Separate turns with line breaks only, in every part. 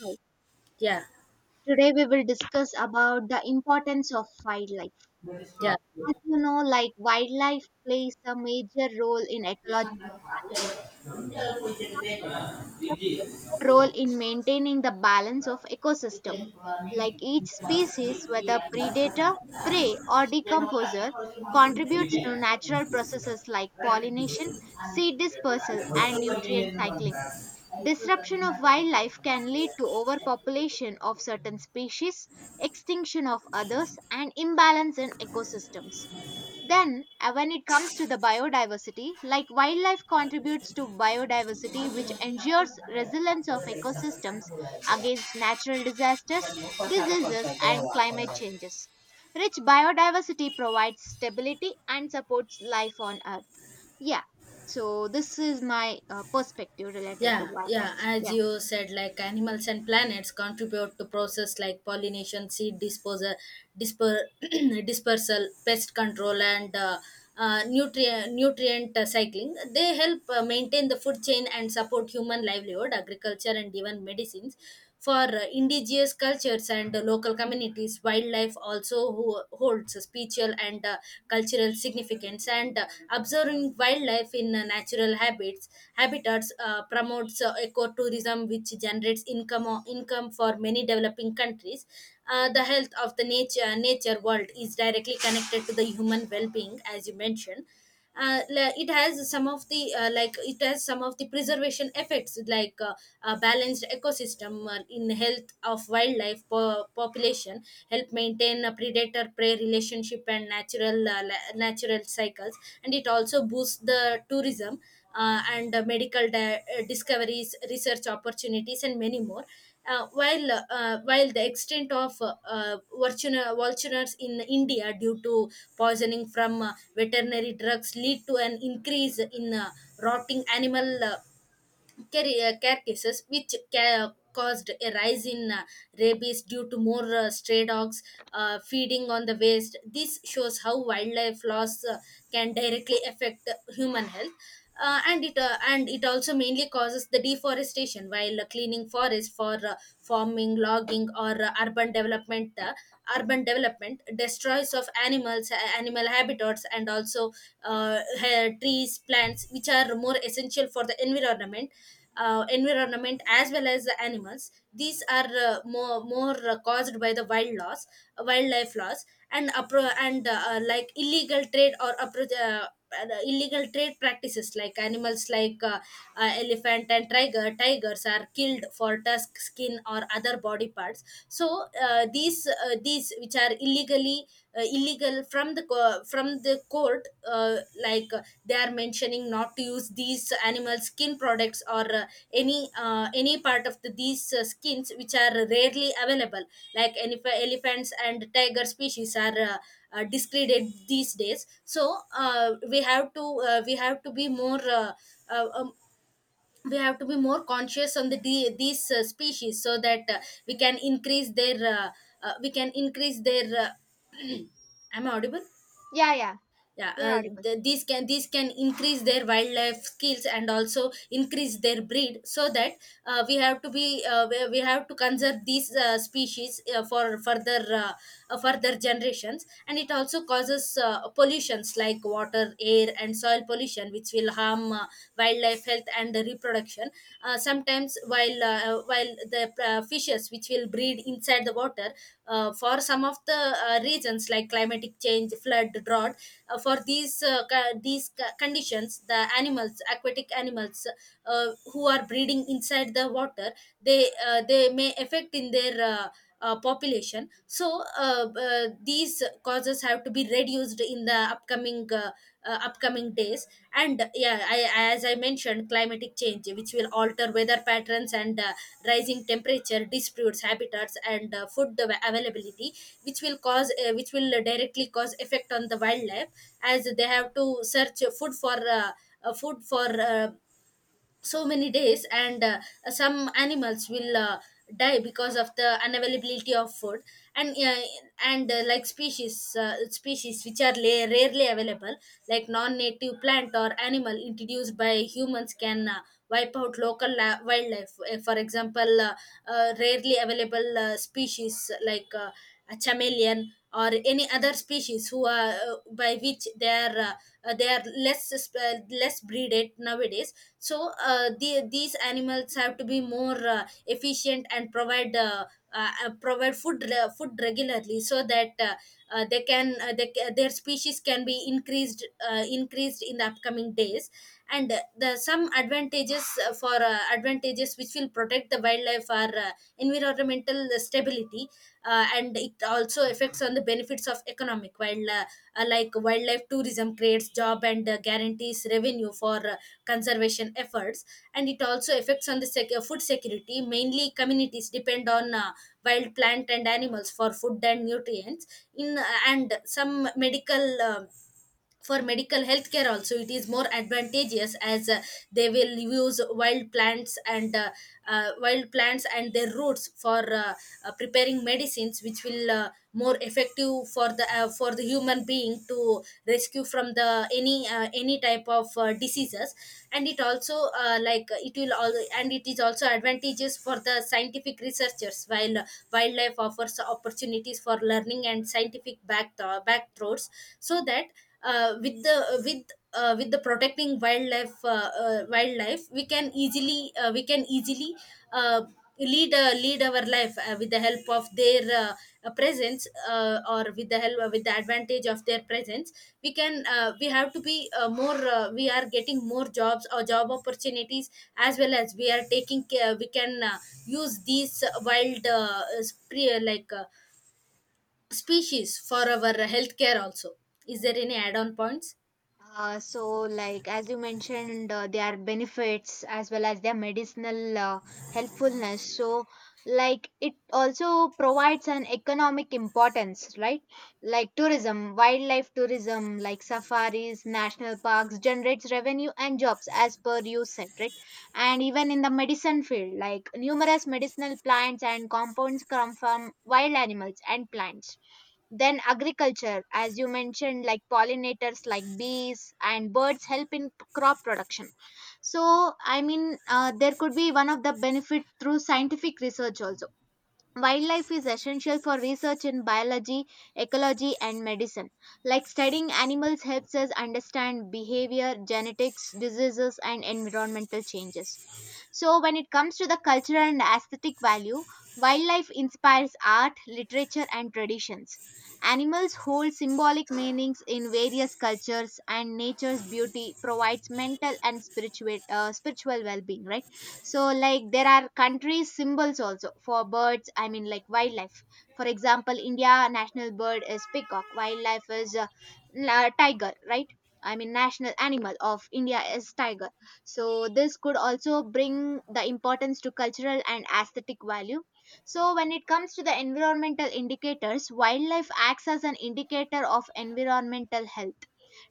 Right.
yeah
Today we will discuss about the importance of wildlife.
yeah
As you know, like wildlife plays a major role in ecological balance, role in maintaining the balance of ecosystem. Like each species, whether predator, prey, or decomposer, contributes to natural processes like pollination, seed dispersal, and nutrient cycling. Disruption of wildlife can lead to overpopulation of certain species, extinction of others, and imbalance in ecosystems. Then, when it comes to the biodiversity, like wildlife contributes to biodiversity, which ensures resilience of ecosystems against natural disasters, diseases, and climate changes. Rich biodiversity provides stability and supports life on Earth. Yeah, so this is my perspective related to
yeah
wildlife.
yeah As
Yeah,
you said, like, animals and planets contribute to process like pollination, seed disposal, disper- dispersal, pest control, and nutrient cycling. They help maintain the food chain and support human livelihood, agriculture, and even medicines for indigenous cultures and local communities. Wildlife also holds spiritual and cultural significance, and observing wildlife in natural habits habitats promotes ecotourism, which generates income, income for many developing countries. The health of the nature nature world is directly connected to the human well-being, as you mentioned. It has some of the like it has some of the preservation effects, like a balanced ecosystem in health of wildlife population help maintain a predator prey relationship and natural natural cycles, and it also boosts the tourism and medical discoveries, research opportunities, and many more. While while the extent of vultures in India due to poisoning from veterinary drugs lead to an increase in rotting animal care, care cases, which caused a rise in rabies due to more stray dogs feeding on the waste. This shows how wildlife loss can directly affect human health. And it also mainly causes the deforestation while cleaning forests for farming, logging, or urban development destroys of animals, animal habitat, birds, and also trees, plants, which are more essential for the environment, as well as the animals. These are more more caused by the wildlife loss and like illegal trade or the illegal trade practices, like animals like elephant and tigers are killed for tusk, skin, or other body parts. So these, which are illegally illegal from the from the court, they are mentioning not to use these animal skin products or any part of these skins, which are rarely available, like any elephants and tiger species are discredit these days. So we have to be more uh, um, we have to be more conscious on the these species so that we can increase their uh, we can increase their am I audible?
yeah, yeah, you're audible.
These can, these can increase their wildlife skills and also increase their breed, so that we have to conserve these species for further further generations. And it also causes pollutions like water, air, and soil pollution, which will harm wildlife health and the reproduction. Sometimes while the fishes which will breed inside the water for some of the reasons like climatic change, flood, drought, for these these conditions, the animals, aquatic animals who are breeding inside the water, they may affect in their population. So these causes have to be reduced in the upcoming upcoming days. And yeah, as I mentioned, climatic change, which will alter weather patterns and rising temperature disputes habitats and food availability, which will cause which will directly cause effect on the wildlife, as they have to search food for food for so many days. And some animals will die because of the unavailability of food. And uh, and uh, like species, species which are rarely available, like non-native plant or animal introduced by humans can wipe out local wildlife. For example, rarely available species like a chameleon or any other species, who are by which they are less less breeded nowadays. So these animals have to be more efficient and provide provide food food regularly so that they can they, ca- their species can be increased, increased in the upcoming days. And the some advantages for advantages which will protect the wildlife are environmental stability, and it also affects on the benefits of economic, while like wildlife tourism creates job and guarantees revenue for conservation efforts. And it also affects on the food security. Mainly communities depend on wild plant and animals for food and nutrients. In And some medical, for medical healthcare also, it is more advantageous, as they will use wild plants and wild plants and their roots for preparing medicines, which will more effective for the human being to rescue from the any type of diseases. And it also like it will all and it is also advantageous for the scientific researchers, while wildlife offers opportunities for learning and scientific back, back throats, so that with the protecting wildlife, we can easily uh, lead lead our life with the help of their presence, or with the help with the advantage of their presence, we can we have to be more we are getting more jobs or job opportunities, as well as we are taking care. We can use these wild species for our healthcare also. Is there any add-on points?
So, like as you mentioned, their benefits as well as their medicinal helpfulness. So, like it also provides an economic importance, right? Like tourism, wildlife tourism, like safaris, national parks generates revenue and jobs, as per you said, right? And even in the medicine field, like numerous medicinal plants and compounds come from wild animals and plants then agriculture, as you mentioned, like pollinators like bees and birds help in p- crop production. So, I mean, there could be one of the benefit through scientific research also. Wildlife is essential for research in biology, ecology, and medicine. Like studying animals helps us understand behavior, genetics, diseases, and environmental changes. So, when it comes to the cultural and aesthetic value, wildlife inspires art, literature, and traditions. Animals hold symbolic meanings in various cultures, and nature's beauty provides mental and spiritual, spiritual well-being. Right. So, like there are countries symbols also for birds. I mean, like wildlife. For example, India national bird is peacock. Wildlife is la- tiger. Right. I mean, national animal of India is tiger, so this could also bring the importance to cultural and aesthetic value. So when it comes to the environmental indicators, wildlife acts as an indicator of environmental health.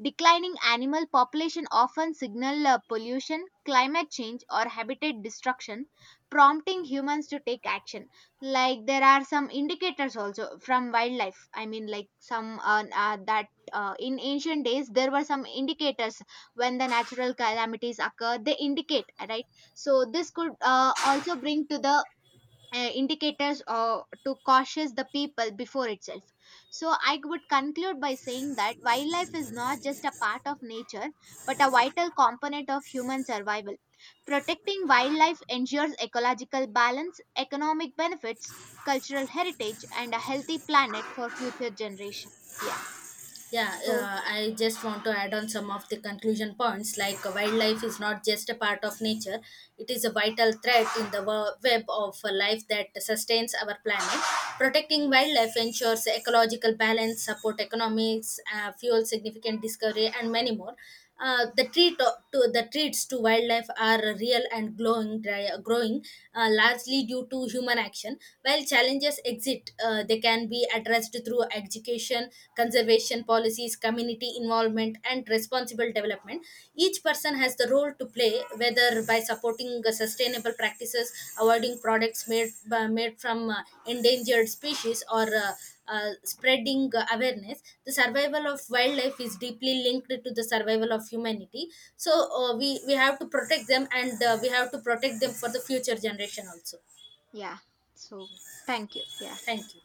Declining animal population often signal pollution, climate change, or habitat destruction, prompting humans to take action. Like there are some indicators also from wildlife. I mean, like some that in ancient days there were some indicators when the natural calamities occur. They indicate, right? So this could also bring to the indicators or to cautious the people before itself. So I would conclude by saying that wildlife is not just a part of nature, but a vital component of human survival. Protecting wildlife ensures ecological balance, economic benefits, cultural heritage, and a healthy planet for future generation. Yeah.
Yeah,
So,
I just want to add on some of the conclusion points. Like, wildlife is not just a part of nature; it is a vital thread in the web of life that sustains our planet. Protecting wildlife ensures ecological balance, support economics, fuel significant discovery, and many more. Uh, the treat the treats to wildlife are real and growing, largely due to human action. While challenges exist, they can be addressed through education, conservation policies, community involvement, and responsible development. Each person has the role to play, whether by supporting sustainable practices, avoiding products made from endangered species, or spreading awareness. The survival of wildlife is deeply linked to the survival of humanity. So we we have to protect them, and we have to protect them for the future generation also.
yeah, so thank you. Yeah.
Thank you.